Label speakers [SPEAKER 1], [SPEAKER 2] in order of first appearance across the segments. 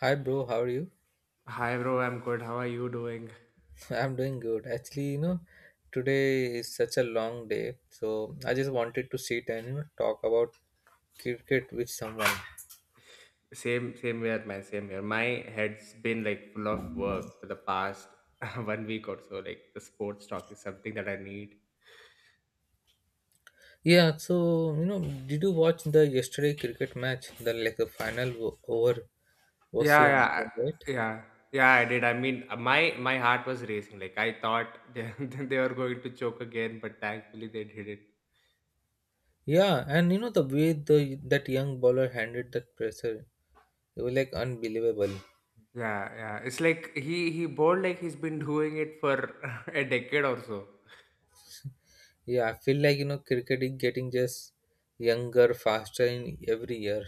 [SPEAKER 1] Hi, bro. How are you?
[SPEAKER 2] Hi bro, I'm good. How are you doing?
[SPEAKER 1] I'm doing good. Actually, today is such a long day, so I just wanted to sit and talk about cricket with someone.
[SPEAKER 2] Same, same here, man. Same here. My head's been like full of work for the past one week or so. Like the sports talk is something that I need.
[SPEAKER 1] Yeah. So you know, did you watch the yesterday cricket match? The like the final over was so
[SPEAKER 2] Yeah, yeah,
[SPEAKER 1] important, right?
[SPEAKER 2] yeah, yeah. I did. I mean, my heart was racing. Like I thought they, they were going to choke again, but thankfully they did it.
[SPEAKER 1] Yeah, and the way the that young bowler handled that pressure, it was like unbelievable.
[SPEAKER 2] Yeah, yeah. It's like he bowled like he's been doing it for a decade or so.
[SPEAKER 1] Yeah, I feel like cricket is getting just younger, faster in every year.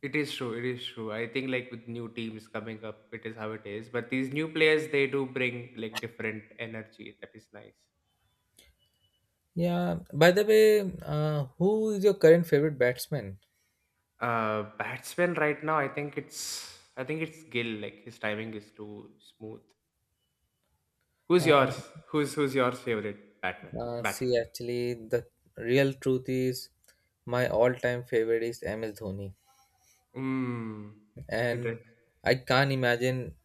[SPEAKER 2] It is true. It is true. I think like with new teams coming up, it is how it is. But these new players, they do bring like different energy. That is nice.
[SPEAKER 1] Yeah. By the way, who is your current favorite batsman?
[SPEAKER 2] Batsman right now, I think it's Gill. Like his timing is too smooth. Who's
[SPEAKER 1] Uh,
[SPEAKER 2] yours? Who's your favorite batsman?
[SPEAKER 1] See,
[SPEAKER 2] Batsman.
[SPEAKER 1] actually, the real truth is my all-time favorite is MS Dhoni,
[SPEAKER 2] Mm,
[SPEAKER 1] and
[SPEAKER 2] interesting.
[SPEAKER 1] I can't imagine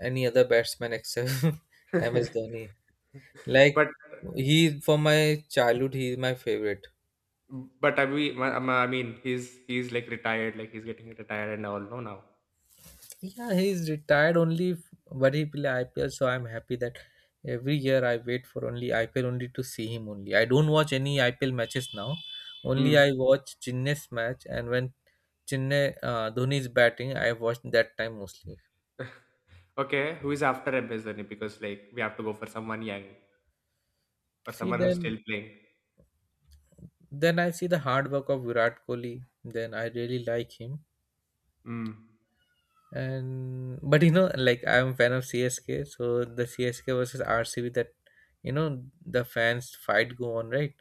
[SPEAKER 1] any other batsman except MS Dhoni. Like
[SPEAKER 2] but
[SPEAKER 1] he, from my childhood, he is my favorite.
[SPEAKER 2] but I mean, he's like retired. Like he's getting retired and all. No, now.
[SPEAKER 1] Yeah, he's retired only, but he play IPL, so I'm happy that every year I wait for only IPL only to see him only. I don't watch any IPL matches now. Only
[SPEAKER 2] Hmm.
[SPEAKER 1] I watch Chennai's match, and when Chennai Dhoni is batting, I watch that time mostly.
[SPEAKER 2] Okay, who is after MS Dhoni? Because like we have to go for someone young or
[SPEAKER 1] See,
[SPEAKER 2] someone who's
[SPEAKER 1] then
[SPEAKER 2] still playing.
[SPEAKER 1] then I see the hard work of Virat Kohli. Then I really like him.
[SPEAKER 2] Mm.
[SPEAKER 1] And but like I'm a fan of CSK, so the CSK versus RCB that the fans fight go on, right?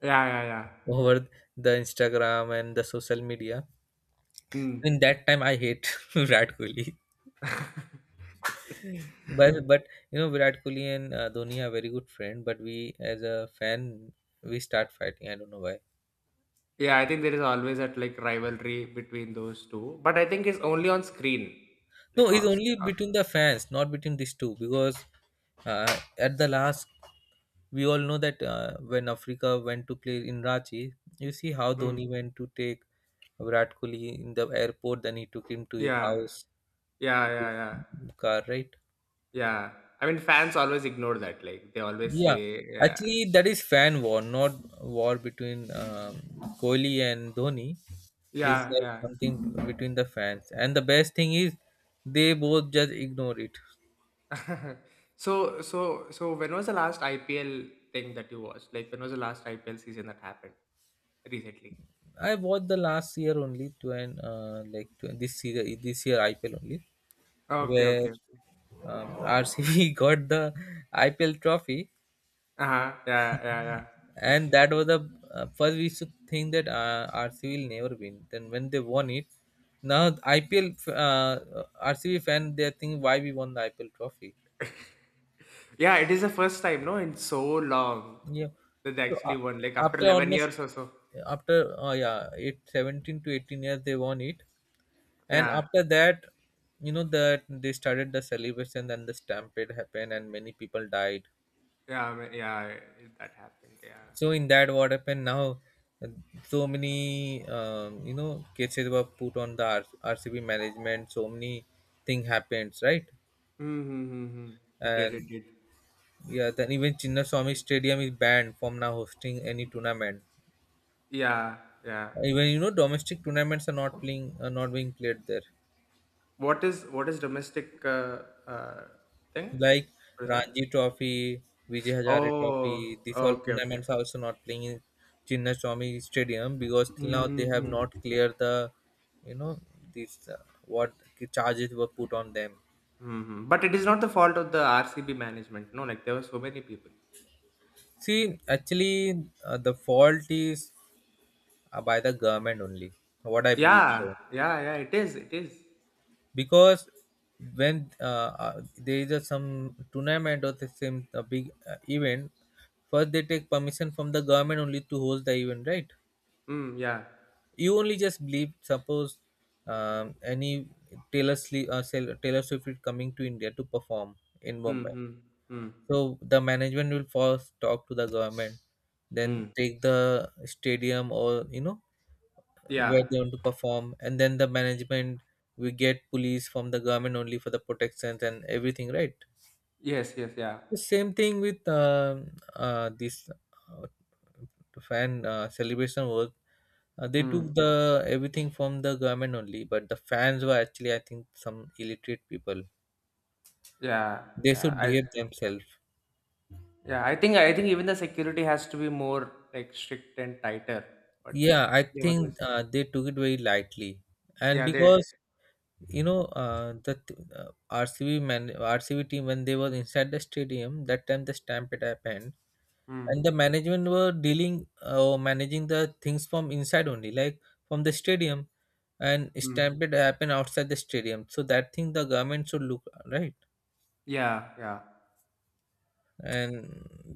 [SPEAKER 2] Yeah, yeah, yeah.
[SPEAKER 1] Over the Instagram and the social media.
[SPEAKER 2] Mm.
[SPEAKER 1] In that time, I hate Virat Kohli. But but Virat Kohli and Dhoni are very good friend. But we as a fan, we start fighting. I don't know why.
[SPEAKER 2] Yeah, I think there is always that like rivalry between those two, but I think it's only on screen, like
[SPEAKER 1] No, it's
[SPEAKER 2] off.
[SPEAKER 1] only between the fans, not between these two. Because at the last, we all know that when Africa went to play in Ranchi, you see how Dhoni
[SPEAKER 2] Mm.
[SPEAKER 1] went to take Virat Kohli in the airport. Then he took him to his
[SPEAKER 2] Yeah,
[SPEAKER 1] house,
[SPEAKER 2] yeah, yeah, yeah,
[SPEAKER 1] car, right?
[SPEAKER 2] yeah. I mean, fans always ignore that. Like they always
[SPEAKER 1] Yeah,
[SPEAKER 2] say, yeah,
[SPEAKER 1] actually, that is fan war, not war between Kohli and Dhoni. It's
[SPEAKER 2] yeah,
[SPEAKER 1] like
[SPEAKER 2] yeah.
[SPEAKER 1] something between the fans. And the best thing is, they both just ignore it.
[SPEAKER 2] So when was the last IPL thing that you watched? Like when was the last IPL season that happened recently?
[SPEAKER 1] I watched the last year only, to an like to this year IPL only,
[SPEAKER 2] Okay,
[SPEAKER 1] where
[SPEAKER 2] okay.
[SPEAKER 1] RCB got the IPL trophy,
[SPEAKER 2] Uh-huh. Yeah, yeah, yeah.
[SPEAKER 1] and that was the first we used to think that RCB will never win. Then when they won it, now IPL RCB fan they think why we won the IPL trophy.
[SPEAKER 2] Yeah, it is the first time, no, in so long
[SPEAKER 1] Yeah.
[SPEAKER 2] that they
[SPEAKER 1] So
[SPEAKER 2] actually won, like after
[SPEAKER 1] after
[SPEAKER 2] 11
[SPEAKER 1] almost
[SPEAKER 2] years or so.
[SPEAKER 1] after yeah, eight seventeen to 18 years they won it, and
[SPEAKER 2] Yeah,
[SPEAKER 1] after that, you know that they started the celebration and the stampede happened and many people died.
[SPEAKER 2] yeah, I mean, yeah, that happened. Yeah.
[SPEAKER 1] So in that, what happened now, uh, so many cases were put on the rcb management, so many thing happens, right?
[SPEAKER 2] Mm-hmm. Mm-hmm. It did,
[SPEAKER 1] And
[SPEAKER 2] it did.
[SPEAKER 1] yeah, then even Chinnaswamy Stadium is banned from now hosting any tournament.
[SPEAKER 2] Yeah, yeah.
[SPEAKER 1] Even domestic tournaments are not being played there.
[SPEAKER 2] What is domestic thing?
[SPEAKER 1] Like
[SPEAKER 2] What is that?
[SPEAKER 1] Ranji Trophy, Vijay Hazare Trophy,
[SPEAKER 2] Oh,
[SPEAKER 1] these all
[SPEAKER 2] okay, okay.
[SPEAKER 1] tournaments are also not playing in Chinnaswamy Stadium because till now they have
[SPEAKER 2] Hmm.
[SPEAKER 1] not cleared the, you know, these what charges were put on them.
[SPEAKER 2] Mhm. But it is not the fault of the RCB management. No, like there were so many people.
[SPEAKER 1] See, actually, the fault is by the government only. What I believe
[SPEAKER 2] Yeah,
[SPEAKER 1] so,
[SPEAKER 2] yeah, yeah. It is. It is.
[SPEAKER 1] because when there is a some tournament or the same a big event, first they take permission from the government only to host the event, right?
[SPEAKER 2] Mm, yeah.
[SPEAKER 1] You only just believe, suppose any Taylor Swift, Taylor Swift is coming to India to perform in
[SPEAKER 2] Mm,
[SPEAKER 1] Mumbai,
[SPEAKER 2] mm, mm,
[SPEAKER 1] so the management will first talk to the government, then
[SPEAKER 2] mm.
[SPEAKER 1] take the stadium or
[SPEAKER 2] Yeah.
[SPEAKER 1] where they want to perform, and then the management, we get police from the government only for the protections and everything, right?
[SPEAKER 2] Yes. Yes. Yeah.
[SPEAKER 1] The same thing with this fan celebration work. They took
[SPEAKER 2] Mm.
[SPEAKER 1] the everything from the government only, but the fans were actually, I think, some illiterate people.
[SPEAKER 2] Yeah.
[SPEAKER 1] They
[SPEAKER 2] Yeah.
[SPEAKER 1] should
[SPEAKER 2] I.
[SPEAKER 1] behave themselves.
[SPEAKER 2] Yeah. I think. I think even the security has to be more like strict and tighter. But
[SPEAKER 1] Yeah, I
[SPEAKER 2] they were
[SPEAKER 1] think
[SPEAKER 2] this.
[SPEAKER 1] they took it very lightly, and
[SPEAKER 2] Yeah. They.
[SPEAKER 1] because the RCB team when they were inside the stadium that time the stampede happened.
[SPEAKER 2] Mm,
[SPEAKER 1] And the management were dealing or managing the things from inside only, like from the stadium, and
[SPEAKER 2] mm.
[SPEAKER 1] stampede happened outside the stadium, so that thing the government should look, right?
[SPEAKER 2] Yeah. Yeah.
[SPEAKER 1] And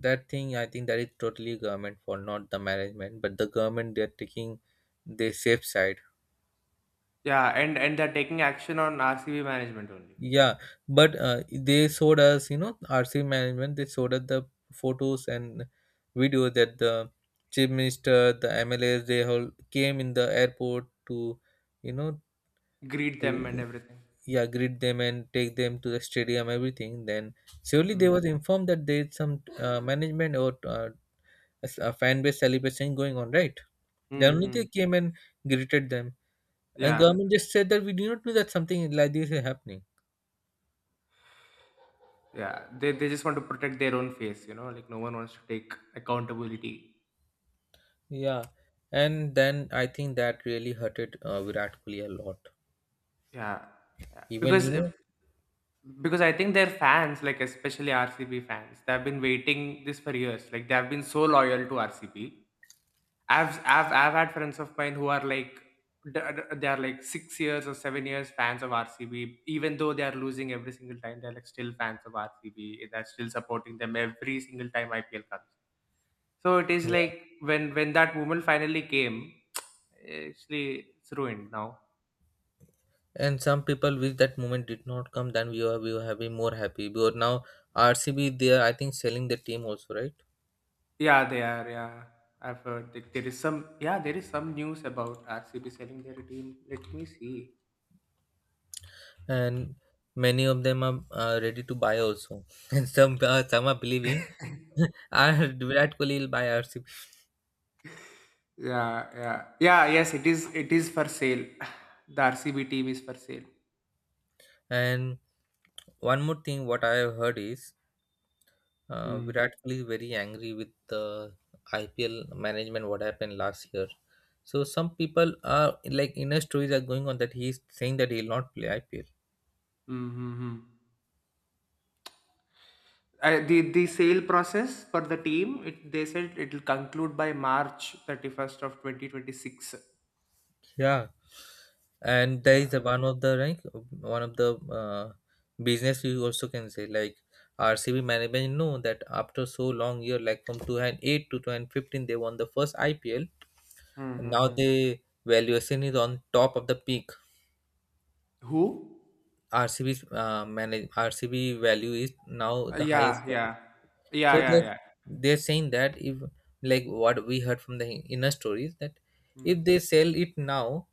[SPEAKER 1] that thing, I think, that is totally government for, not the management, but the government, they are taking the safe side.
[SPEAKER 2] Yeah. And they're taking action on RCB management only.
[SPEAKER 1] Yeah, but they showed us, rc management, they showed us the photos and video that the chief minister, the mls, they all came in the airport to you know
[SPEAKER 2] Greet them and
[SPEAKER 1] to
[SPEAKER 2] everything.
[SPEAKER 1] yeah, greet them and take them to the stadium, everything. Then surely they
[SPEAKER 2] Mm.
[SPEAKER 1] was informed that there is some management or a fan base celebration going on, right? Then only
[SPEAKER 2] Mm-hmm.
[SPEAKER 1] they came and greeted them, and
[SPEAKER 2] Yeah.
[SPEAKER 1] government just said that we do not know that something like this is happening.
[SPEAKER 2] Yeah, they just want to protect their own face, like no one wants to take accountability.
[SPEAKER 1] Yeah, and then I think that really hurted Virat Kohli a lot.
[SPEAKER 2] Yeah, yeah,
[SPEAKER 1] Even
[SPEAKER 2] because because I think their fans, like especially RCB fans, they have been waiting this for years. Like they have been so loyal to RCB. I've had friends of mine who are like they are like 6 years or 7 years fans of RCB, even though they are losing every single time. They're like still fans of RCB. They're still supporting them every single time IPL comes. So it is
[SPEAKER 1] yeah,
[SPEAKER 2] like when that woman finally came, actually it's ruined now.
[SPEAKER 1] and some people wish that moment did not come, then we were having more happy, because now RCB, they are, I think, selling the team also, right?
[SPEAKER 2] Yeah, they are. Yeah, I've heard that there is some. Yeah, there is some news about RCB selling their team. Let me see.
[SPEAKER 1] And many of them are ready to buy also and some are believing "Ah, Virat Kohli will buy RCB.
[SPEAKER 2] Yeah, yeah, yeah. Yes, it is. It is for sale. The RCB team is for sale.
[SPEAKER 1] And one more thing what I have heard is
[SPEAKER 2] Mm.
[SPEAKER 1] Virat Kohli is very angry with the IPL management what happened last year, so some people are like inner stories are going on that he is saying that he will not play IPL.
[SPEAKER 2] Mm-hmm. The sale process for the team, they said it will conclude by March 31st of 2026.
[SPEAKER 1] Yeah, and there is a
[SPEAKER 2] Yeah.
[SPEAKER 1] one of the business, you also can say, like RCB management know that after so long year, like from 2008 to 2015 they won the first IPL. And now
[SPEAKER 2] Mm-hmm.
[SPEAKER 1] the valuation is on top of the peak.
[SPEAKER 2] Who?
[SPEAKER 1] RCB's manage RCB value is now
[SPEAKER 2] Uh,
[SPEAKER 1] the highest
[SPEAKER 2] yeah,
[SPEAKER 1] one.
[SPEAKER 2] yeah. Yeah,
[SPEAKER 1] So
[SPEAKER 2] yeah,
[SPEAKER 1] they're,
[SPEAKER 2] yeah.
[SPEAKER 1] they're saying that if, like what we heard from the inner stories, that
[SPEAKER 2] Mm,
[SPEAKER 1] if they sell it now,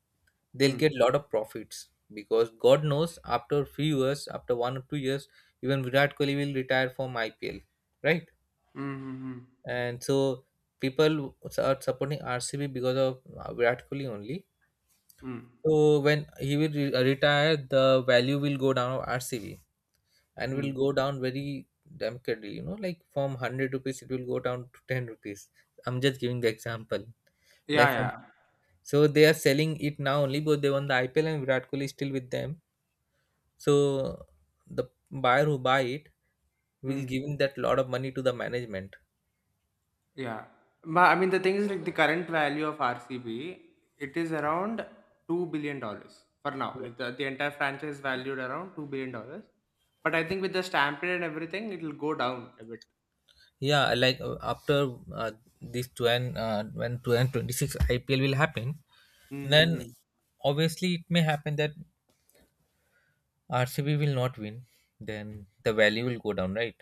[SPEAKER 1] they'll get
[SPEAKER 2] mm,
[SPEAKER 1] lot of profits because God knows after few years, after 1 or 2 years, even Virat Kohli will retire from IPL, right?
[SPEAKER 2] mm, mm, mm,
[SPEAKER 1] And so people are supporting RCB because of Virat Kohli only.
[SPEAKER 2] mm,
[SPEAKER 1] So when he will retire, the value will go down of RCB, and will
[SPEAKER 2] mm.
[SPEAKER 1] go down very dramatically. You know, like from 100 rupees, it will go down to 10 rupees. I'm just giving the example.
[SPEAKER 2] Yeah,
[SPEAKER 1] Like from,
[SPEAKER 2] yeah.
[SPEAKER 1] so they are selling it now only because they won the IPL and Virat Kohli is still with them. So the buyer who buy it will
[SPEAKER 2] Mm,
[SPEAKER 1] give that lot of money to the management.
[SPEAKER 2] yeah. But I mean, the thing is, like, the current value of RCB, it is around $2 billion for now. Like, the entire franchise is valued around $2 billion. But I think with the stampede and everything, it'll go down a bit.
[SPEAKER 1] Yeah, like after when 2026 IPL will happen, then
[SPEAKER 2] Mm-hmm.
[SPEAKER 1] obviously it may happen that RCB will not win. Then the value will go down, right?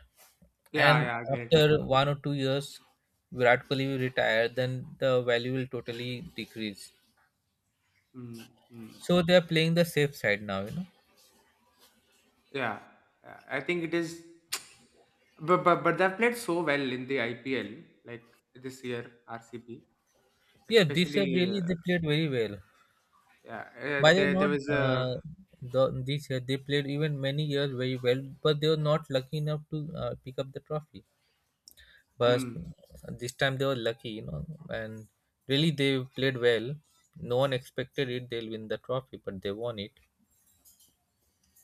[SPEAKER 2] Yeah,
[SPEAKER 1] And
[SPEAKER 2] yeah, I get it. It'll go
[SPEAKER 1] after
[SPEAKER 2] down.
[SPEAKER 1] 1 or 2 years, Virat Kohli will retire. Then the value will totally decrease.
[SPEAKER 2] Mm-hmm.
[SPEAKER 1] So they are playing the safe side now.
[SPEAKER 2] Yeah, I think it is. But they've played so well in the IPL like this year RCB
[SPEAKER 1] Yeah, this year
[SPEAKER 2] especially
[SPEAKER 1] really they played very well.
[SPEAKER 2] yeah
[SPEAKER 1] By the
[SPEAKER 2] there
[SPEAKER 1] not
[SPEAKER 2] was a
[SPEAKER 1] the, This year they played even many years very well, but they were not lucky enough to pick up the trophy. But
[SPEAKER 2] mm,
[SPEAKER 1] this time they were lucky, and really they played well. No one expected it; they'll win the trophy, but they won it.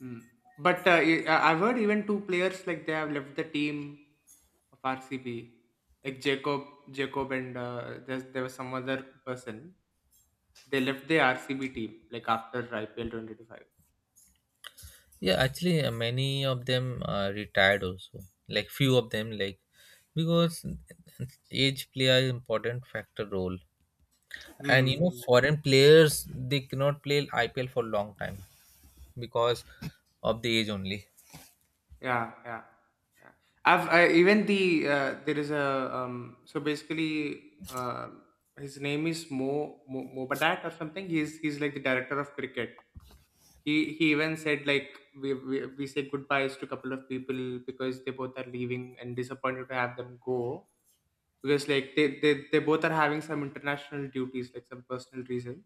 [SPEAKER 2] mm. But I've heard even two players like they have left the team of RCB like Jacob and there was some other person they left the RCB team like after IPL 2025.
[SPEAKER 1] Yeah, actually, many of them are retired also. Like few of them, like because age play an important factor role, and
[SPEAKER 2] Hmm. Hmm.
[SPEAKER 1] foreign players they cannot play IPL for long time because of the age only.
[SPEAKER 2] Yeah, yeah, yeah. Even the there is a. So basically, uh, his name is Mo Mobadat or something. He's like the director of cricket. He even said like we say goodbyes to a couple of people because they both are leaving and disappointed to have them go because like they both are having some international duties like some personal reasons.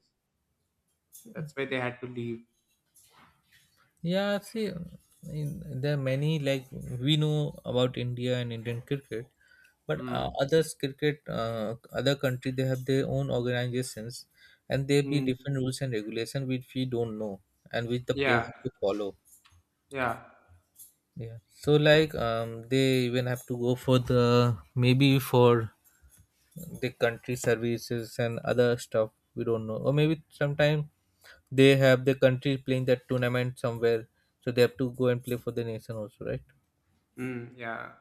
[SPEAKER 2] So that's why they had to leave.
[SPEAKER 1] Yeah, see, there are many, like we know about India and Indian cricket, but
[SPEAKER 2] Mm.
[SPEAKER 1] others cricket, other country they have their own organizations, and there be
[SPEAKER 2] Mm.
[SPEAKER 1] different rules and regulation which we don't know and which the players
[SPEAKER 2] Yeah.
[SPEAKER 1] have to follow.
[SPEAKER 2] Yeah.
[SPEAKER 1] Yeah, so like they even have to go for, the maybe for the country services and other stuff we don't know, or maybe sometime they have the country playing that tournament somewhere, so they have to go and play for the nation also, right?
[SPEAKER 2] Mm, yeah.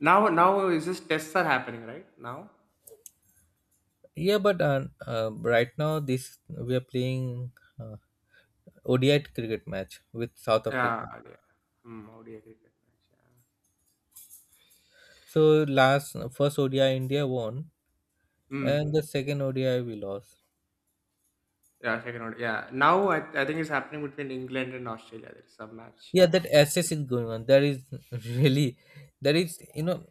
[SPEAKER 2] Now is just tests are happening, right? Now,
[SPEAKER 1] Yeah, but right now this we are playing uh, ODI cricket match with South
[SPEAKER 2] yeah,
[SPEAKER 1] Africa.
[SPEAKER 2] yeah. Mm, ODI cricket match, yeah.
[SPEAKER 1] So last first ODI India won, and the
[SPEAKER 2] Mm,
[SPEAKER 1] second ODI we lost.
[SPEAKER 2] yeah, second order. Yeah. Now, I think it's happening between England and Australia. There's some match
[SPEAKER 1] Yeah, that
[SPEAKER 2] happening.
[SPEAKER 1] access is going on, that is really, that is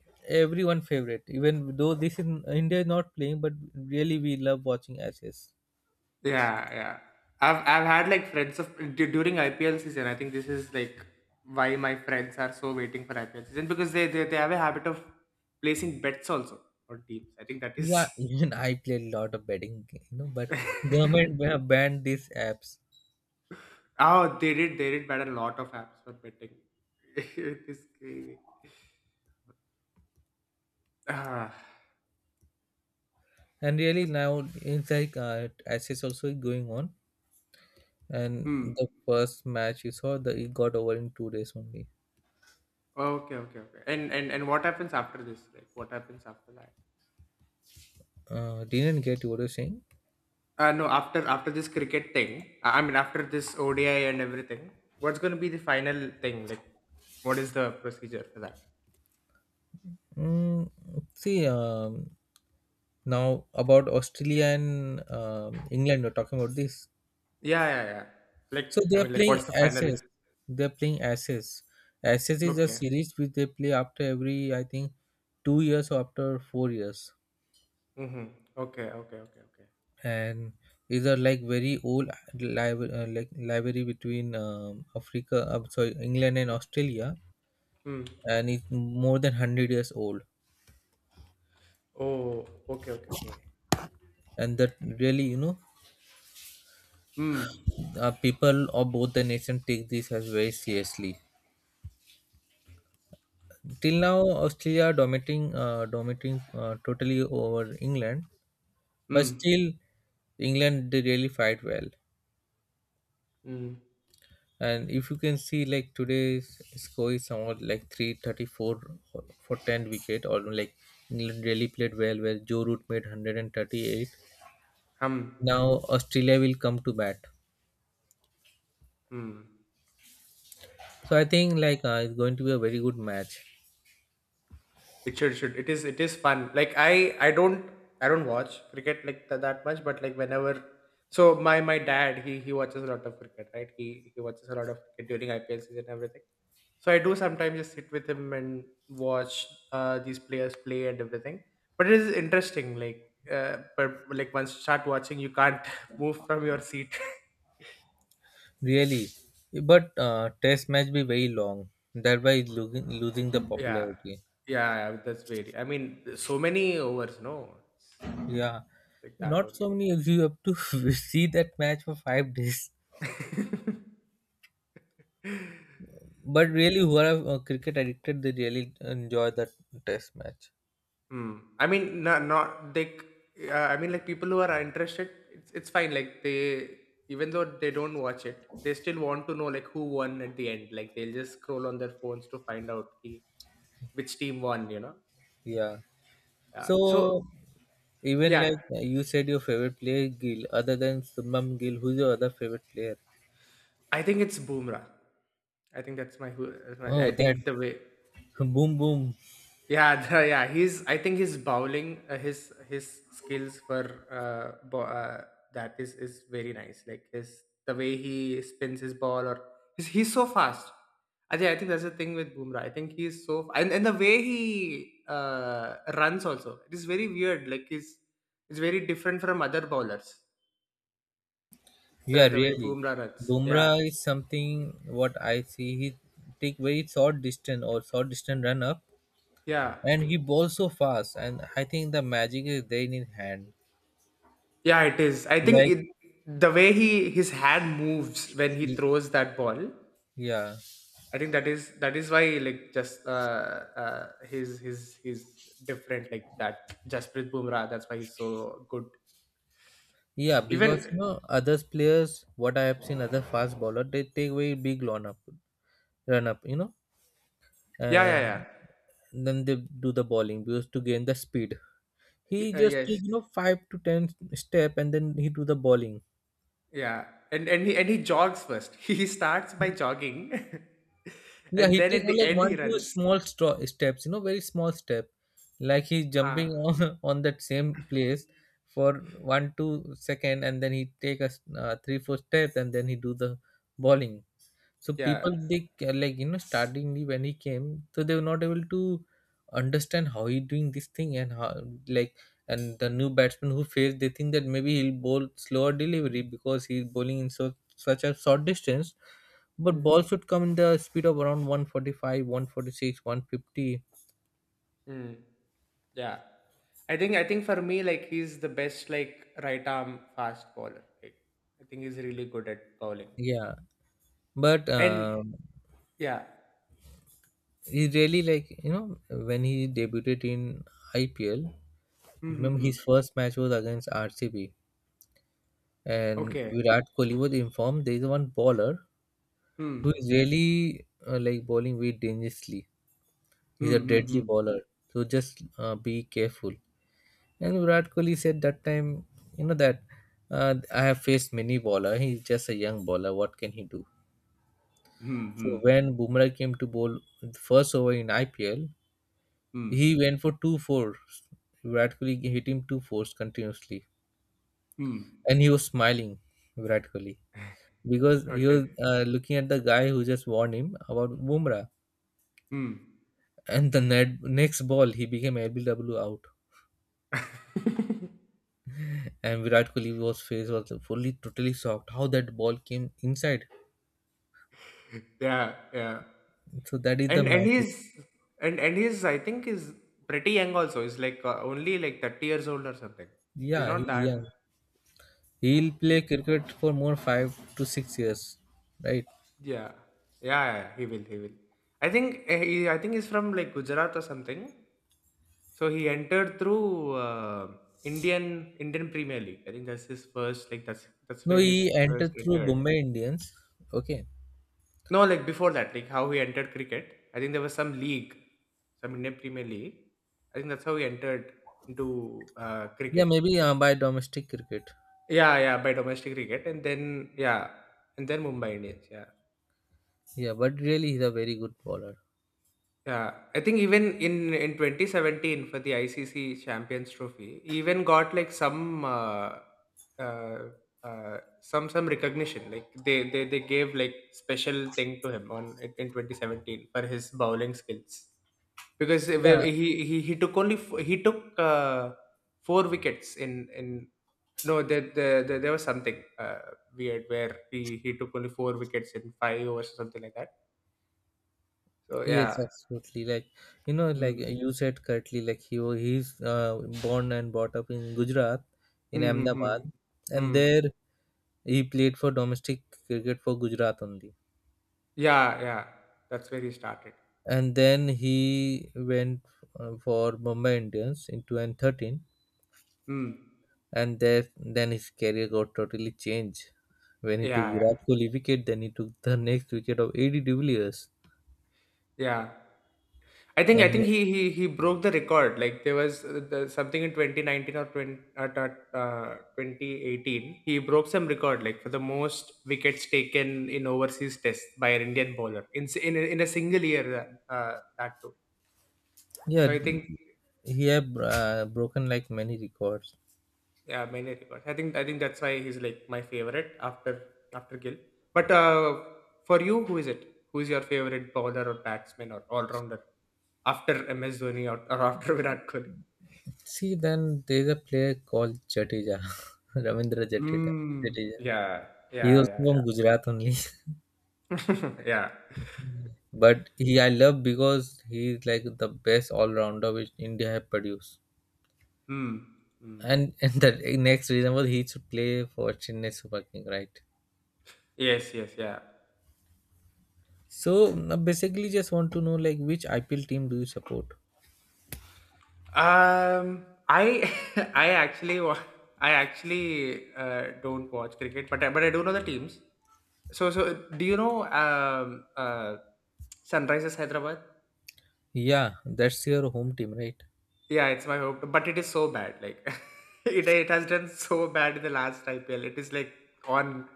[SPEAKER 1] everyone favorite, even though this is India is not playing, but really we love watching access.
[SPEAKER 2] Yeah, yeah. I've had like friends of during IPL season. I think this is like why my friends are so waiting for IPL season because they have a habit of placing bets also on teams. I think that
[SPEAKER 1] Yeah,
[SPEAKER 2] is.
[SPEAKER 1] even I play a lot of betting but government banned these apps.
[SPEAKER 2] Oh, they did. They did ban a lot of apps for betting. It is crazy. Ah,
[SPEAKER 1] And really now it's like access also is going on, and
[SPEAKER 2] hmm.
[SPEAKER 1] the first match you saw, the it got over in 2 days only.
[SPEAKER 2] Okay, okay, okay. And what happens after this? Like, what happens after that?
[SPEAKER 1] Didn't get what you're saying.
[SPEAKER 2] No, after this cricket thing. I mean, after this ODI and everything. What's going to be the final thing? Like, what is the procedure for that?
[SPEAKER 1] mm, See, now about Australia and England, we're talking about this.
[SPEAKER 2] Yeah, yeah, yeah. Like,
[SPEAKER 1] So
[SPEAKER 2] I
[SPEAKER 1] they are
[SPEAKER 2] mean, like,
[SPEAKER 1] playing
[SPEAKER 2] what's the final?
[SPEAKER 1] Ashes. They are playing Ashes. Ashes is a
[SPEAKER 2] Okay.
[SPEAKER 1] series which they play after every, I think, 2 years or after 4 years,
[SPEAKER 2] Mm-hmm. Okay, okay, okay, okay.
[SPEAKER 1] and is a like very old like rivalry between Africa, sorry, England and Australia,
[SPEAKER 2] Hmm.
[SPEAKER 1] and it's more than 100 years old.
[SPEAKER 2] Oh, okay, okay, okay.
[SPEAKER 1] And that really,
[SPEAKER 2] Hmm.
[SPEAKER 1] people of both the nation take this as very seriously. Till now, Australia dominating totally over England, but
[SPEAKER 2] Hmm.
[SPEAKER 1] still England, they really fight well.
[SPEAKER 2] Hmm.
[SPEAKER 1] And if you can see, like, today's score is somewhat like 334 for 10 wicket, or like England really played well, where Joe Root made 138.
[SPEAKER 2] Hum.
[SPEAKER 1] Now Australia will come to bat,
[SPEAKER 2] Hmm.
[SPEAKER 1] so I think, like, it's going to be a very good match.
[SPEAKER 2] It should it is fun. Like I don't watch cricket like that much, but like whenever so my dad he watches a lot of cricket, right? He watches a lot of cricket during IPL season and everything. So I do sometimes just sit with him and watch these players play and everything. But it is interesting, like but like once you start watching, you can't move from your seat.
[SPEAKER 1] Really, but test match be very long. Thereby it's losing the
[SPEAKER 2] Yeah,
[SPEAKER 1] popularity.
[SPEAKER 2] yeah, yeah, that's very. I mean, so many overs, no, it's
[SPEAKER 1] Yeah,
[SPEAKER 2] like that
[SPEAKER 1] not so many of you have to see that match for 5 days.
[SPEAKER 2] only.
[SPEAKER 1] But really, who are cricket addicted, they really enjoy that test match.
[SPEAKER 2] Hmm. I mean, not like I mean, like people who are interested, it's fine. Like they, even though they don't watch it, they still want to know like who won at the end. Like they'll just scroll on their phones to find out ki, which team won. You know.
[SPEAKER 1] Yeah.
[SPEAKER 2] Yeah. So
[SPEAKER 1] So, even
[SPEAKER 2] yeah,
[SPEAKER 1] like, you said, your favorite player Gill, other than Subham Gill, who's your other favorite player?
[SPEAKER 2] I think it's Boomerang. I think that's my who. I
[SPEAKER 1] Oh, that
[SPEAKER 2] think the way.
[SPEAKER 1] boom boom.
[SPEAKER 2] Yeah, yeah, he's. I think his bowling, his skills for that is very nice. Like his the way he spins his ball, or he's so fast. I think that's the thing with Boomer. I think he's so and the way he runs also. It is very weird. Like he's it's very different from other bowlers. The
[SPEAKER 1] Yeah,
[SPEAKER 2] the way
[SPEAKER 1] really.
[SPEAKER 2] Boomer runs. Yeah,
[SPEAKER 1] Bumrah is something what I see. He take very short distance or short distance run up,
[SPEAKER 2] yeah.
[SPEAKER 1] and he bowls so fast. And I think the magic is there in his hand.
[SPEAKER 2] Yeah, it is. I think
[SPEAKER 1] Like,
[SPEAKER 2] the way he his hand moves when he
[SPEAKER 1] Ye-
[SPEAKER 2] throws that ball
[SPEAKER 1] Yeah,
[SPEAKER 2] I think that is why like just his he's different like that. Jasprit Bumrah, that's why he's so good.
[SPEAKER 1] yeah, because,
[SPEAKER 2] Even
[SPEAKER 1] you know, others players, what I have seen, other fast bowler, they take very big run up,
[SPEAKER 2] yeah yeah yeah.
[SPEAKER 1] and then they do the bowling because to gain the speed. He just
[SPEAKER 2] Yes
[SPEAKER 1] take 5 to 10 step and then he do the bowling.
[SPEAKER 2] yeah and he jogs first. He starts by jogging,
[SPEAKER 1] Yeah,
[SPEAKER 2] and
[SPEAKER 1] he
[SPEAKER 2] then
[SPEAKER 1] take
[SPEAKER 2] at the
[SPEAKER 1] only, like,
[SPEAKER 2] end he
[SPEAKER 1] one two
[SPEAKER 2] runs.
[SPEAKER 1] small steps, very small step, like he's
[SPEAKER 2] Huh.
[SPEAKER 1] jumping on on that same place for one two second, and then he take three four steps and then he do the bowling. So
[SPEAKER 2] Yeah.
[SPEAKER 1] people they like, startingly, when he came, so they were not able to understand how he doing this thing and how, like, and the new batsman who faced, they think that maybe he'll bowl slower delivery because he's bowling in so such a short distance, but
[SPEAKER 2] Mm.
[SPEAKER 1] ball should come in the speed of around 145 146 150.
[SPEAKER 2] Mm. Yeah. I think for me like he's the best like right arm fast bowler. Like, I think he's really good at bowling.
[SPEAKER 1] Yeah, but
[SPEAKER 2] And yeah.
[SPEAKER 1] he really, like, when he debuted in IPL, remember
[SPEAKER 2] Hmm.
[SPEAKER 1] his first match was against RCB, and
[SPEAKER 2] Okay.
[SPEAKER 1] Virat Kohli was informed there is one bowler
[SPEAKER 2] Hmm.
[SPEAKER 1] who is really like, bowling very dangerously. He's a
[SPEAKER 2] Hmm. Hmm.
[SPEAKER 1] deadly
[SPEAKER 2] Hmm.
[SPEAKER 1] bowler, so just be careful. And Virat Kohli said that time, that I have faced many bowler. He's just a young bowler. What can he do?
[SPEAKER 2] Hmm. Hmm.
[SPEAKER 1] So when Bumrah came to bowl the first over in IPL,
[SPEAKER 2] హ్మ్.
[SPEAKER 1] he went for two fours. Virat Kohli hit him two fours continuously,
[SPEAKER 2] Hmm.
[SPEAKER 1] and he was smiling. Virat Kohli. Because he
[SPEAKER 2] okay.
[SPEAKER 1] was looking at the guy who just warned him about Bumrah.
[SPEAKER 2] హ్మ్.
[SPEAKER 1] And the next ball, he became LBW out. And Virat Kohli's face was fully, totally shocked how that ball came inside.
[SPEAKER 2] Yeah. Yeah.
[SPEAKER 1] So that is the
[SPEAKER 2] And and
[SPEAKER 1] magic.
[SPEAKER 2] he's and he's I think he's pretty young also. He's like, only like 30 years old or something. He's
[SPEAKER 1] Yeah,
[SPEAKER 2] not
[SPEAKER 1] he's
[SPEAKER 2] that.
[SPEAKER 1] young. He'll play cricket for more 5 to 6 years, right?
[SPEAKER 2] Yeah. Yeah, yeah. He will. He will. I think, he I think he's from like Gujarat or something. So he entered through, uh, Indian Indian Premier League. I think that's his first like that's
[SPEAKER 1] No,
[SPEAKER 2] where his
[SPEAKER 1] he
[SPEAKER 2] first
[SPEAKER 1] entered through
[SPEAKER 2] entered.
[SPEAKER 1] Bombay Indians. Okay.
[SPEAKER 2] No, like before that, like how he entered cricket. I think there was some league, some Indian Premier League. I think that's how he entered into
[SPEAKER 1] Yeah,
[SPEAKER 2] cricket.
[SPEAKER 1] maybe by domestic cricket.
[SPEAKER 2] Yeah, yeah, by domestic cricket, and then yeah, and then Mumbai Indians. Yeah,
[SPEAKER 1] Yeah, but really, he's a very good bowler.
[SPEAKER 2] yeah. I think even in 2017 for the ICC Champions Trophy, he even got like some uh, some recognition. Like they gave like special thing to him on in 2017 for his bowling skills. Because
[SPEAKER 1] Yeah.
[SPEAKER 2] he took only he took four wickets in, no, there was something weird where he took only four wickets in five overs or something like that, so
[SPEAKER 1] Yes,
[SPEAKER 2] yeah.
[SPEAKER 1] absolutely. Like, like,
[SPEAKER 2] Mm.
[SPEAKER 1] you said correctly, like, he's born and brought up in Gujarat, in
[SPEAKER 2] Hmm, hmm, hmm.
[SPEAKER 1] Ahmedabad, and
[SPEAKER 2] Hmm.
[SPEAKER 1] there he played for domestic cricket for Gujarat only,
[SPEAKER 2] Yeah, yeah, that's where he started.
[SPEAKER 1] and then he went for Mumbai Indians in 2013,
[SPEAKER 2] Hmm.
[SPEAKER 1] and there then his career got totally changed when he
[SPEAKER 2] Yeah,
[SPEAKER 1] took
[SPEAKER 2] yeah,
[SPEAKER 1] Virat Kohli wicket, then he took the next wicket of AD de Villiers,
[SPEAKER 2] yeah. I think I
[SPEAKER 1] and
[SPEAKER 2] think he broke the record. Like there was something in 2019 or 20, 2018. He broke some record like for the most wickets taken in overseas test by an Indian bowler in in a single year. That too. So
[SPEAKER 1] yeah,
[SPEAKER 2] I think.
[SPEAKER 1] he have broken, like, many records.
[SPEAKER 2] Yeah, many records. I think that's why he's like my favorite after Gill. But for you, who is it? Who is your favorite bowler or batsman or all rounder after MS Dhoni or after Virat Kohli?
[SPEAKER 1] See, then there is a player called Jadeja, Ravindra Jadeja.
[SPEAKER 2] Mm.
[SPEAKER 1] Jadeja.
[SPEAKER 2] Yeah.
[SPEAKER 1] He
[SPEAKER 2] Yeah.
[SPEAKER 1] was
[SPEAKER 2] Yeah.
[SPEAKER 1] from Gujarat only,
[SPEAKER 2] Yeah. Yeah.
[SPEAKER 1] but he I love because he is like the best all rounder which India have produced.
[SPEAKER 2] Mm. Mm.
[SPEAKER 1] And and the next reason was he should play for Chennai Super King, right?
[SPEAKER 2] Yes. Yes. Yeah.
[SPEAKER 1] So basically, just want to know, like, which IPL team do you support?
[SPEAKER 2] I. I actually don't watch cricket, but but I do know the teams. So do you know Sunrisers Hyderabad?
[SPEAKER 1] Yeah, that's your home team, right?
[SPEAKER 2] Yeah, it's my hope, but it is so bad. Like it has done so bad in the last IPL. It is like on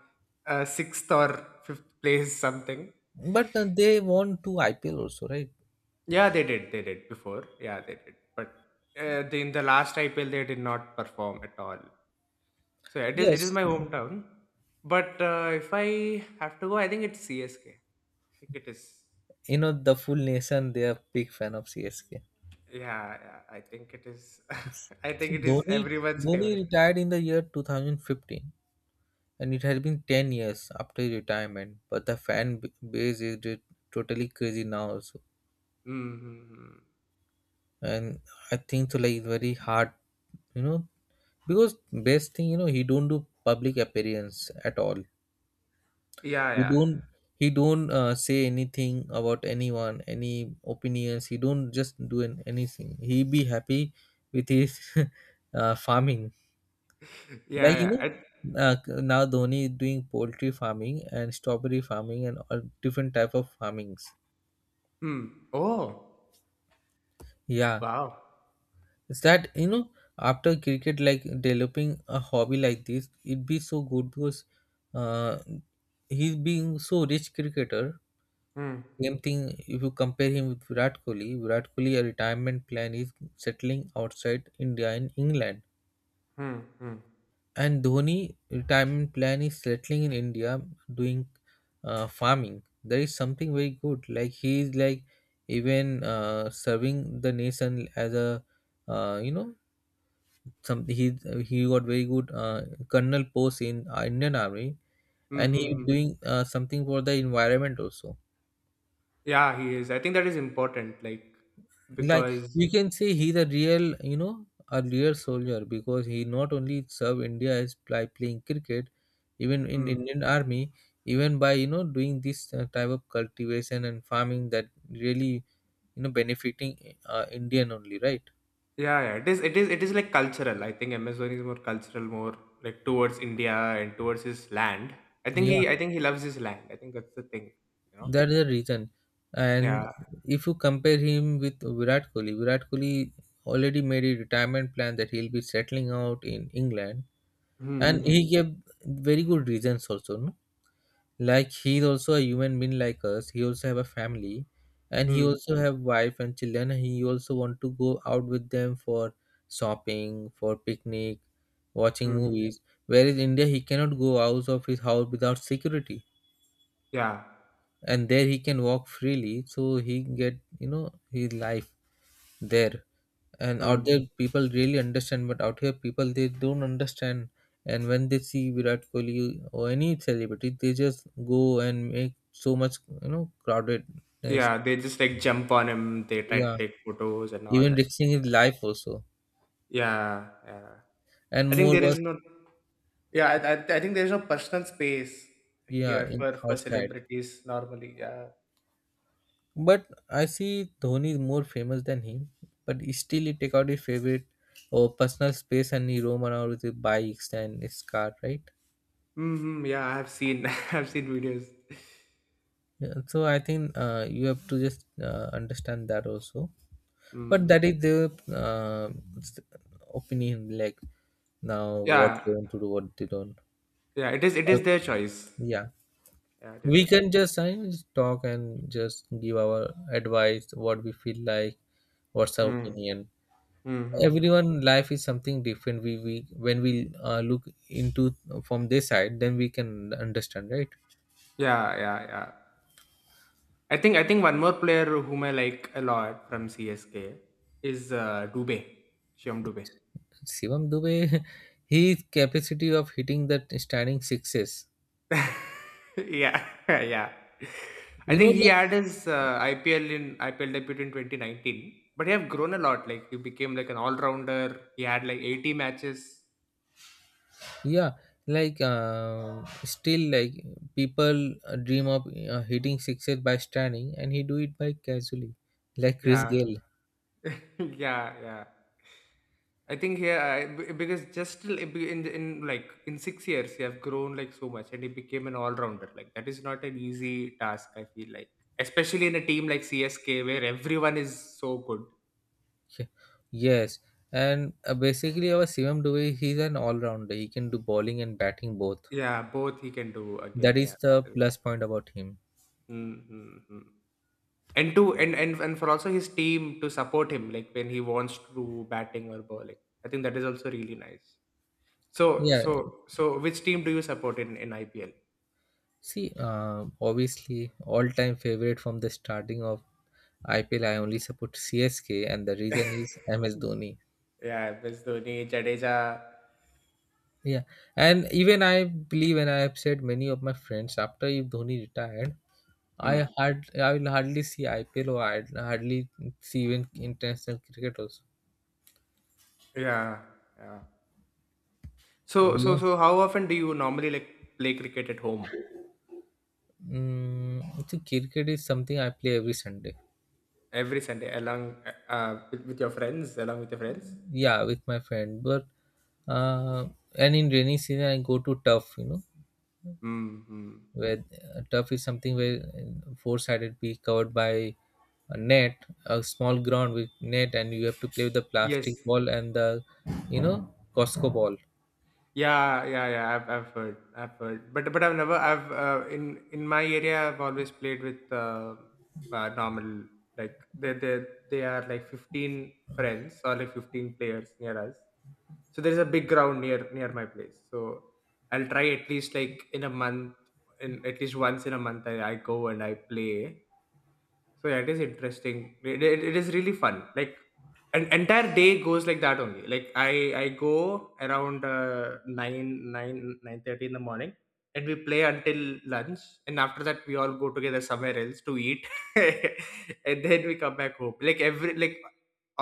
[SPEAKER 2] sixth or fifth place something.
[SPEAKER 1] But they won two IPL also, right?
[SPEAKER 2] Yeah, they did. They did before. Yeah, they did. But in the last IPL, they did not perform at all. So yeah, it is
[SPEAKER 1] Yes.
[SPEAKER 2] my
[SPEAKER 1] You
[SPEAKER 2] hometown. But if I have to go, I think it's CSK. I think it is.
[SPEAKER 1] know the full nation. They are big fan of CSK.
[SPEAKER 2] Yeah, yeah, I think it is. I think it is
[SPEAKER 1] Dhoni,
[SPEAKER 2] everyone's
[SPEAKER 1] Dhoni
[SPEAKER 2] favorite.
[SPEAKER 1] retired in the year 2015, and it has been 10 years after his retirement. But the fan base is totally crazy now, also.
[SPEAKER 2] Mm-hmm.
[SPEAKER 1] And I think so, like, it's very hard, you know, because best thing, he don't do public appearance at all.
[SPEAKER 2] Yeah,
[SPEAKER 1] He
[SPEAKER 2] yeah,
[SPEAKER 1] don't, he don't say anything about anyone, any opinions. He don't just do anything. He be happy with his farming.
[SPEAKER 2] yeah,
[SPEAKER 1] Like,
[SPEAKER 2] yeah.
[SPEAKER 1] uh, now Dhoni is doing poultry farming and strawberry farming and all different type of farmings.
[SPEAKER 2] Hmm. Oh,
[SPEAKER 1] Yeah,
[SPEAKER 2] wow.
[SPEAKER 1] it's that, after cricket, like developing a hobby like this, it'd be so good because uh, he's being so rich cricketer.
[SPEAKER 2] Hmm.
[SPEAKER 1] Same thing if you compare him with Virat Kohli. Virat Kohli, a retirement plan is settling outside India in England.
[SPEAKER 2] Hmm. Hmm. Hmm.
[SPEAKER 1] And Dhoni retirement plan is settling in India, doing farming. There is something very good. Like, he is like even serving the nation as a uh, you know some he got very good colonel post in Indian Army, and he
[SPEAKER 2] Hmm,
[SPEAKER 1] is
[SPEAKER 2] hmm.
[SPEAKER 1] doing something for the environment also.
[SPEAKER 2] Yeah, he is. I think that is important. Like
[SPEAKER 1] Like,
[SPEAKER 2] because.
[SPEAKER 1] you can say he's a real, a real soldier because he not only served India as by playing cricket, even in
[SPEAKER 2] Hmm.
[SPEAKER 1] Indian Army, even by, doing this type of cultivation and farming, that really, benefiting Indian only, right?
[SPEAKER 2] Yeah, yeah. It is like cultural. I think MS Dhoni is more cultural, more like towards India and towards his land. I think
[SPEAKER 1] Yeah,
[SPEAKER 2] he I think he loves his land. I think that's the thing. You know?
[SPEAKER 1] that is the reason. And
[SPEAKER 2] Yeah.
[SPEAKER 1] if you compare him with Virat Kohli. Virat Kohli already made a retirement plan that he'll be settling out in England. And he
[SPEAKER 2] Mm-hmm.
[SPEAKER 1] gave very good reasons also, no, like, he is also a human being like us. He also have a family, and he also have wife and children, and he also want to go out with them for shopping, for picnic, watching
[SPEAKER 2] Mm-hmm.
[SPEAKER 1] movies. Whereas India, he cannot go out of his house without security,
[SPEAKER 2] Yeah.
[SPEAKER 1] and there he can walk freely, so he get, his life there. And out
[SPEAKER 2] Mm.
[SPEAKER 1] there, people really understand, but out here, people they don't understand. And when they see Virat Kohli or any celebrity, they just go and make so much, crowdedness.
[SPEAKER 2] Yeah. They just like jump on him, they try to
[SPEAKER 1] Yeah,
[SPEAKER 2] take photos and all
[SPEAKER 1] even
[SPEAKER 2] that.
[SPEAKER 1] risking his life also.
[SPEAKER 2] Yeah, yeah.
[SPEAKER 1] And
[SPEAKER 2] I think
[SPEAKER 1] more
[SPEAKER 2] there
[SPEAKER 1] was,
[SPEAKER 2] is no yeah, I think there's no personal space
[SPEAKER 1] yeah,
[SPEAKER 2] here
[SPEAKER 1] in
[SPEAKER 2] for,
[SPEAKER 1] outside,
[SPEAKER 2] celebrities normally. Yeah.
[SPEAKER 1] but I see Dhoni is more famous than him. But he still, he take out his favorite or personal space, and he roam around with his bikes and his car, right?
[SPEAKER 2] Hmm, hmm. Yeah, I have seen I've seen videos.
[SPEAKER 1] Yeah, so I think, you have to just understand that also. But that
[SPEAKER 2] Mm.
[SPEAKER 1] is the uh, s- opinion, like, now what they
[SPEAKER 2] Yeah,
[SPEAKER 1] want to do, what they don't.
[SPEAKER 2] yeah, it is it
[SPEAKER 1] Uh,
[SPEAKER 2] is their choice.
[SPEAKER 1] yeah,
[SPEAKER 2] Yeah, it is
[SPEAKER 1] we
[SPEAKER 2] their choice.
[SPEAKER 1] can just, I mean, just talk and just give our advice what we feel like, what's our
[SPEAKER 2] Hmm.
[SPEAKER 1] opinion.
[SPEAKER 2] Mm-hmm.
[SPEAKER 1] Everyone life is something different. We when we look into, from this side, then we can understand, right?
[SPEAKER 2] Yeah, yeah, yeah. I think one more player whom I like a lot from CSK is Dubé, Shyam Dubé.
[SPEAKER 1] Shivam Dubey, his capacity of hitting that standing sixes,
[SPEAKER 2] Yeah. Yeah. I think he
[SPEAKER 1] like,
[SPEAKER 2] had his IPL debut in 2019, but he have grown a lot. Like he became like an all rounder. He had like 80 matches.
[SPEAKER 1] yeah, like, still, like, people dream of hitting sixes by standing, and he do it by casually, like Chris
[SPEAKER 2] Yeah,
[SPEAKER 1] Gale.
[SPEAKER 2] yeah, yeah. I think here I, be- Because just in like in 6 years you have grown like so much and he became an all rounder. Like that is not an easy task. I feel like, especially in a team like CSK where everyone is so good.
[SPEAKER 1] Yeah. Yes, and basically, our Sivam Dubey, he's an all-rounder, he can do bowling and batting both.
[SPEAKER 2] Yeah, both he can do again.
[SPEAKER 1] That
[SPEAKER 2] Yeah,
[SPEAKER 1] is the
[SPEAKER 2] that is.
[SPEAKER 1] plus point about him.
[SPEAKER 2] Mm-hmm. And for also his team to support him like when he wants to do batting or bowling. I think that is also really nice. So
[SPEAKER 1] Yeah,
[SPEAKER 2] so so which team do you support in IPL?
[SPEAKER 1] see, obviously, all-time favorite from the starting of IPL, I only support CSK, and the reason is MS Dhoni.
[SPEAKER 2] Yeah, MS Dhoni, Jadeja.
[SPEAKER 1] Yeah, and even I believe, and I have said many of my friends after if Dhoni retired,
[SPEAKER 2] Hmm.
[SPEAKER 1] I will hardly see IPL, or I hardly see even international cricket also.
[SPEAKER 2] Yeah, yeah.
[SPEAKER 1] Yes,
[SPEAKER 2] How often do you normally like play cricket at home?
[SPEAKER 1] mm, so cricket is something I play every Sunday.
[SPEAKER 2] Every Sunday, along with your friends, along with your friends.
[SPEAKER 1] Yeah, with my friend, but uh, and in rainy season I go to turf.
[SPEAKER 2] Hmm, hmm.
[SPEAKER 1] Where turf is something where four sided be covered by a net, a small ground with net, and you have to play with the
[SPEAKER 2] Yes.
[SPEAKER 1] plastic ball and the you know costco ball.
[SPEAKER 2] Yeah, yeah, yeah. I've heard, I've heard. But I've never. I've In my area, I've always played with normal, like they are like 15 friends or like 15 players near us. So there is a big ground near my place, so I'll try at least like in a month in at least once in a month, I go and I play. So yeah, it is interesting. It is really fun, like an entire day goes like that only, like i go around 9 nine nine thirty in the morning, and we play until lunch, and after that we all go together somewhere else to eat. And then we come back home, like every, like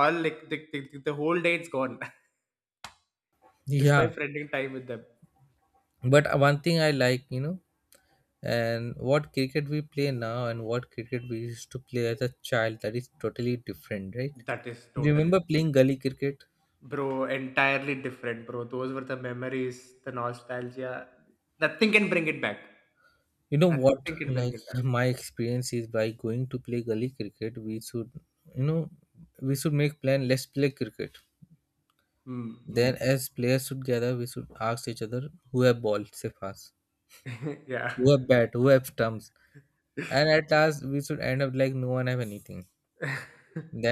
[SPEAKER 2] all, like the whole day it's gone. Just by
[SPEAKER 1] Yeah.
[SPEAKER 2] friending time with them.
[SPEAKER 1] But one thing I like, and what cricket we play now and what cricket we used to play as a child, that is totally different, right?
[SPEAKER 2] That is
[SPEAKER 1] You
[SPEAKER 2] totally
[SPEAKER 1] remember playing
[SPEAKER 2] different.
[SPEAKER 1] gully cricket,
[SPEAKER 2] Bro, entirely different, bro. Those were the memories, the nostalgia. Nothing can bring it back.
[SPEAKER 1] you know what,
[SPEAKER 2] Nothing can bring it back.
[SPEAKER 1] like, my experience is, by going to play gully cricket, we should you know we should make plan, let's play cricket.
[SPEAKER 2] Hmm,
[SPEAKER 1] Then,
[SPEAKER 2] hmm.
[SPEAKER 1] as players should gather, we should ask each other who have ball, say fast,
[SPEAKER 2] Yeah.
[SPEAKER 1] who have bat, who have stumps, and at last we should end up like no one have anything.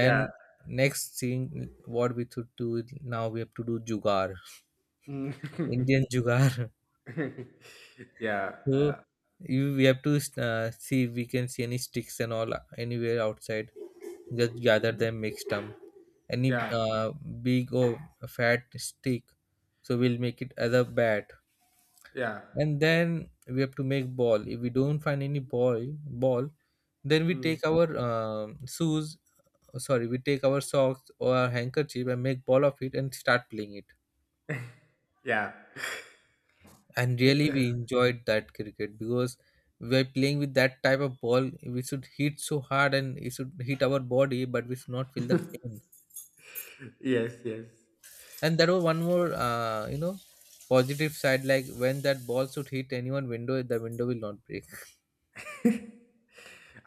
[SPEAKER 2] Yeah.
[SPEAKER 1] next thing, what we should do is now we have to do jugar,
[SPEAKER 2] Mm.
[SPEAKER 1] Indian jugar.
[SPEAKER 2] Yeah.
[SPEAKER 1] So, we have to see if we can see any sticks and all, anywhere outside. Just gather them, make stump. Any
[SPEAKER 2] Yeah.
[SPEAKER 1] big or fat stick, so we'll make it as a bat.
[SPEAKER 2] Yeah.
[SPEAKER 1] And then we have to make ball if we don't find any ball, then we
[SPEAKER 2] Mm.
[SPEAKER 1] take our shoes, sorry, we take our socks or our handkerchief, and make ball of it and start playing it.
[SPEAKER 2] Yeah.
[SPEAKER 1] And really, we enjoyed that cricket because we are playing with that type of ball, we should hit so hard, and it should hit our body, but we should not feel the pain.
[SPEAKER 2] Yes, yes.
[SPEAKER 1] And there was one more, positive side, like when that ball should hit anyone window, the window will not break.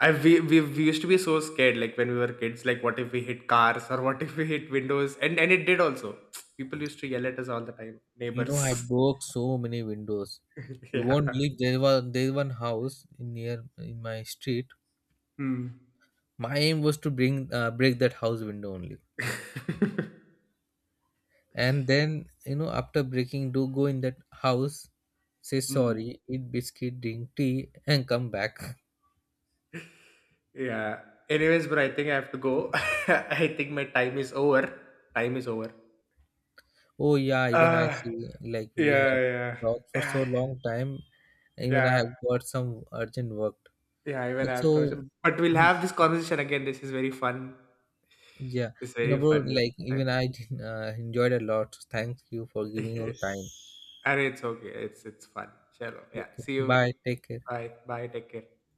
[SPEAKER 2] I we used to be so scared, like when we were kids, like what if we hit cars or what if we hit windows, and it did also. People used to yell at us all the time,
[SPEAKER 1] You
[SPEAKER 2] neighbors.
[SPEAKER 1] know, I broke so many windows. You won't
[SPEAKER 2] Yeah.
[SPEAKER 1] believe, there was there one house in near in my street.
[SPEAKER 2] Hmm.
[SPEAKER 1] My aim was to bring break that house window only. And then, after breaking, do go in that house, say
[SPEAKER 2] Hmm.
[SPEAKER 1] sorry, eat biscuit, drink tea, and come back.
[SPEAKER 2] Yeah. Anyways, bro, I think I have to go. I think my time is over. Time is over.
[SPEAKER 1] Oh yeah, even I
[SPEAKER 2] uh
[SPEAKER 1] see like we have
[SPEAKER 2] yeah,
[SPEAKER 1] talked for
[SPEAKER 2] yeah.
[SPEAKER 1] so long time. Even I
[SPEAKER 2] Yeah,
[SPEAKER 1] have got some urgent work.
[SPEAKER 2] yeah, I will
[SPEAKER 1] Like,
[SPEAKER 2] have
[SPEAKER 1] so,
[SPEAKER 2] to, but we'll have this conversation again, this is very fun.
[SPEAKER 1] yeah,
[SPEAKER 2] It's very
[SPEAKER 1] bro,
[SPEAKER 2] fun this
[SPEAKER 1] like
[SPEAKER 2] time.
[SPEAKER 1] even I did enjoyed a lot. Thank you for giving your time.
[SPEAKER 2] And it's okay. It's fun. Chalo. Yeah.
[SPEAKER 1] Okay,
[SPEAKER 2] See you.
[SPEAKER 1] bye. Take care.
[SPEAKER 2] Bye. Bye. Take care.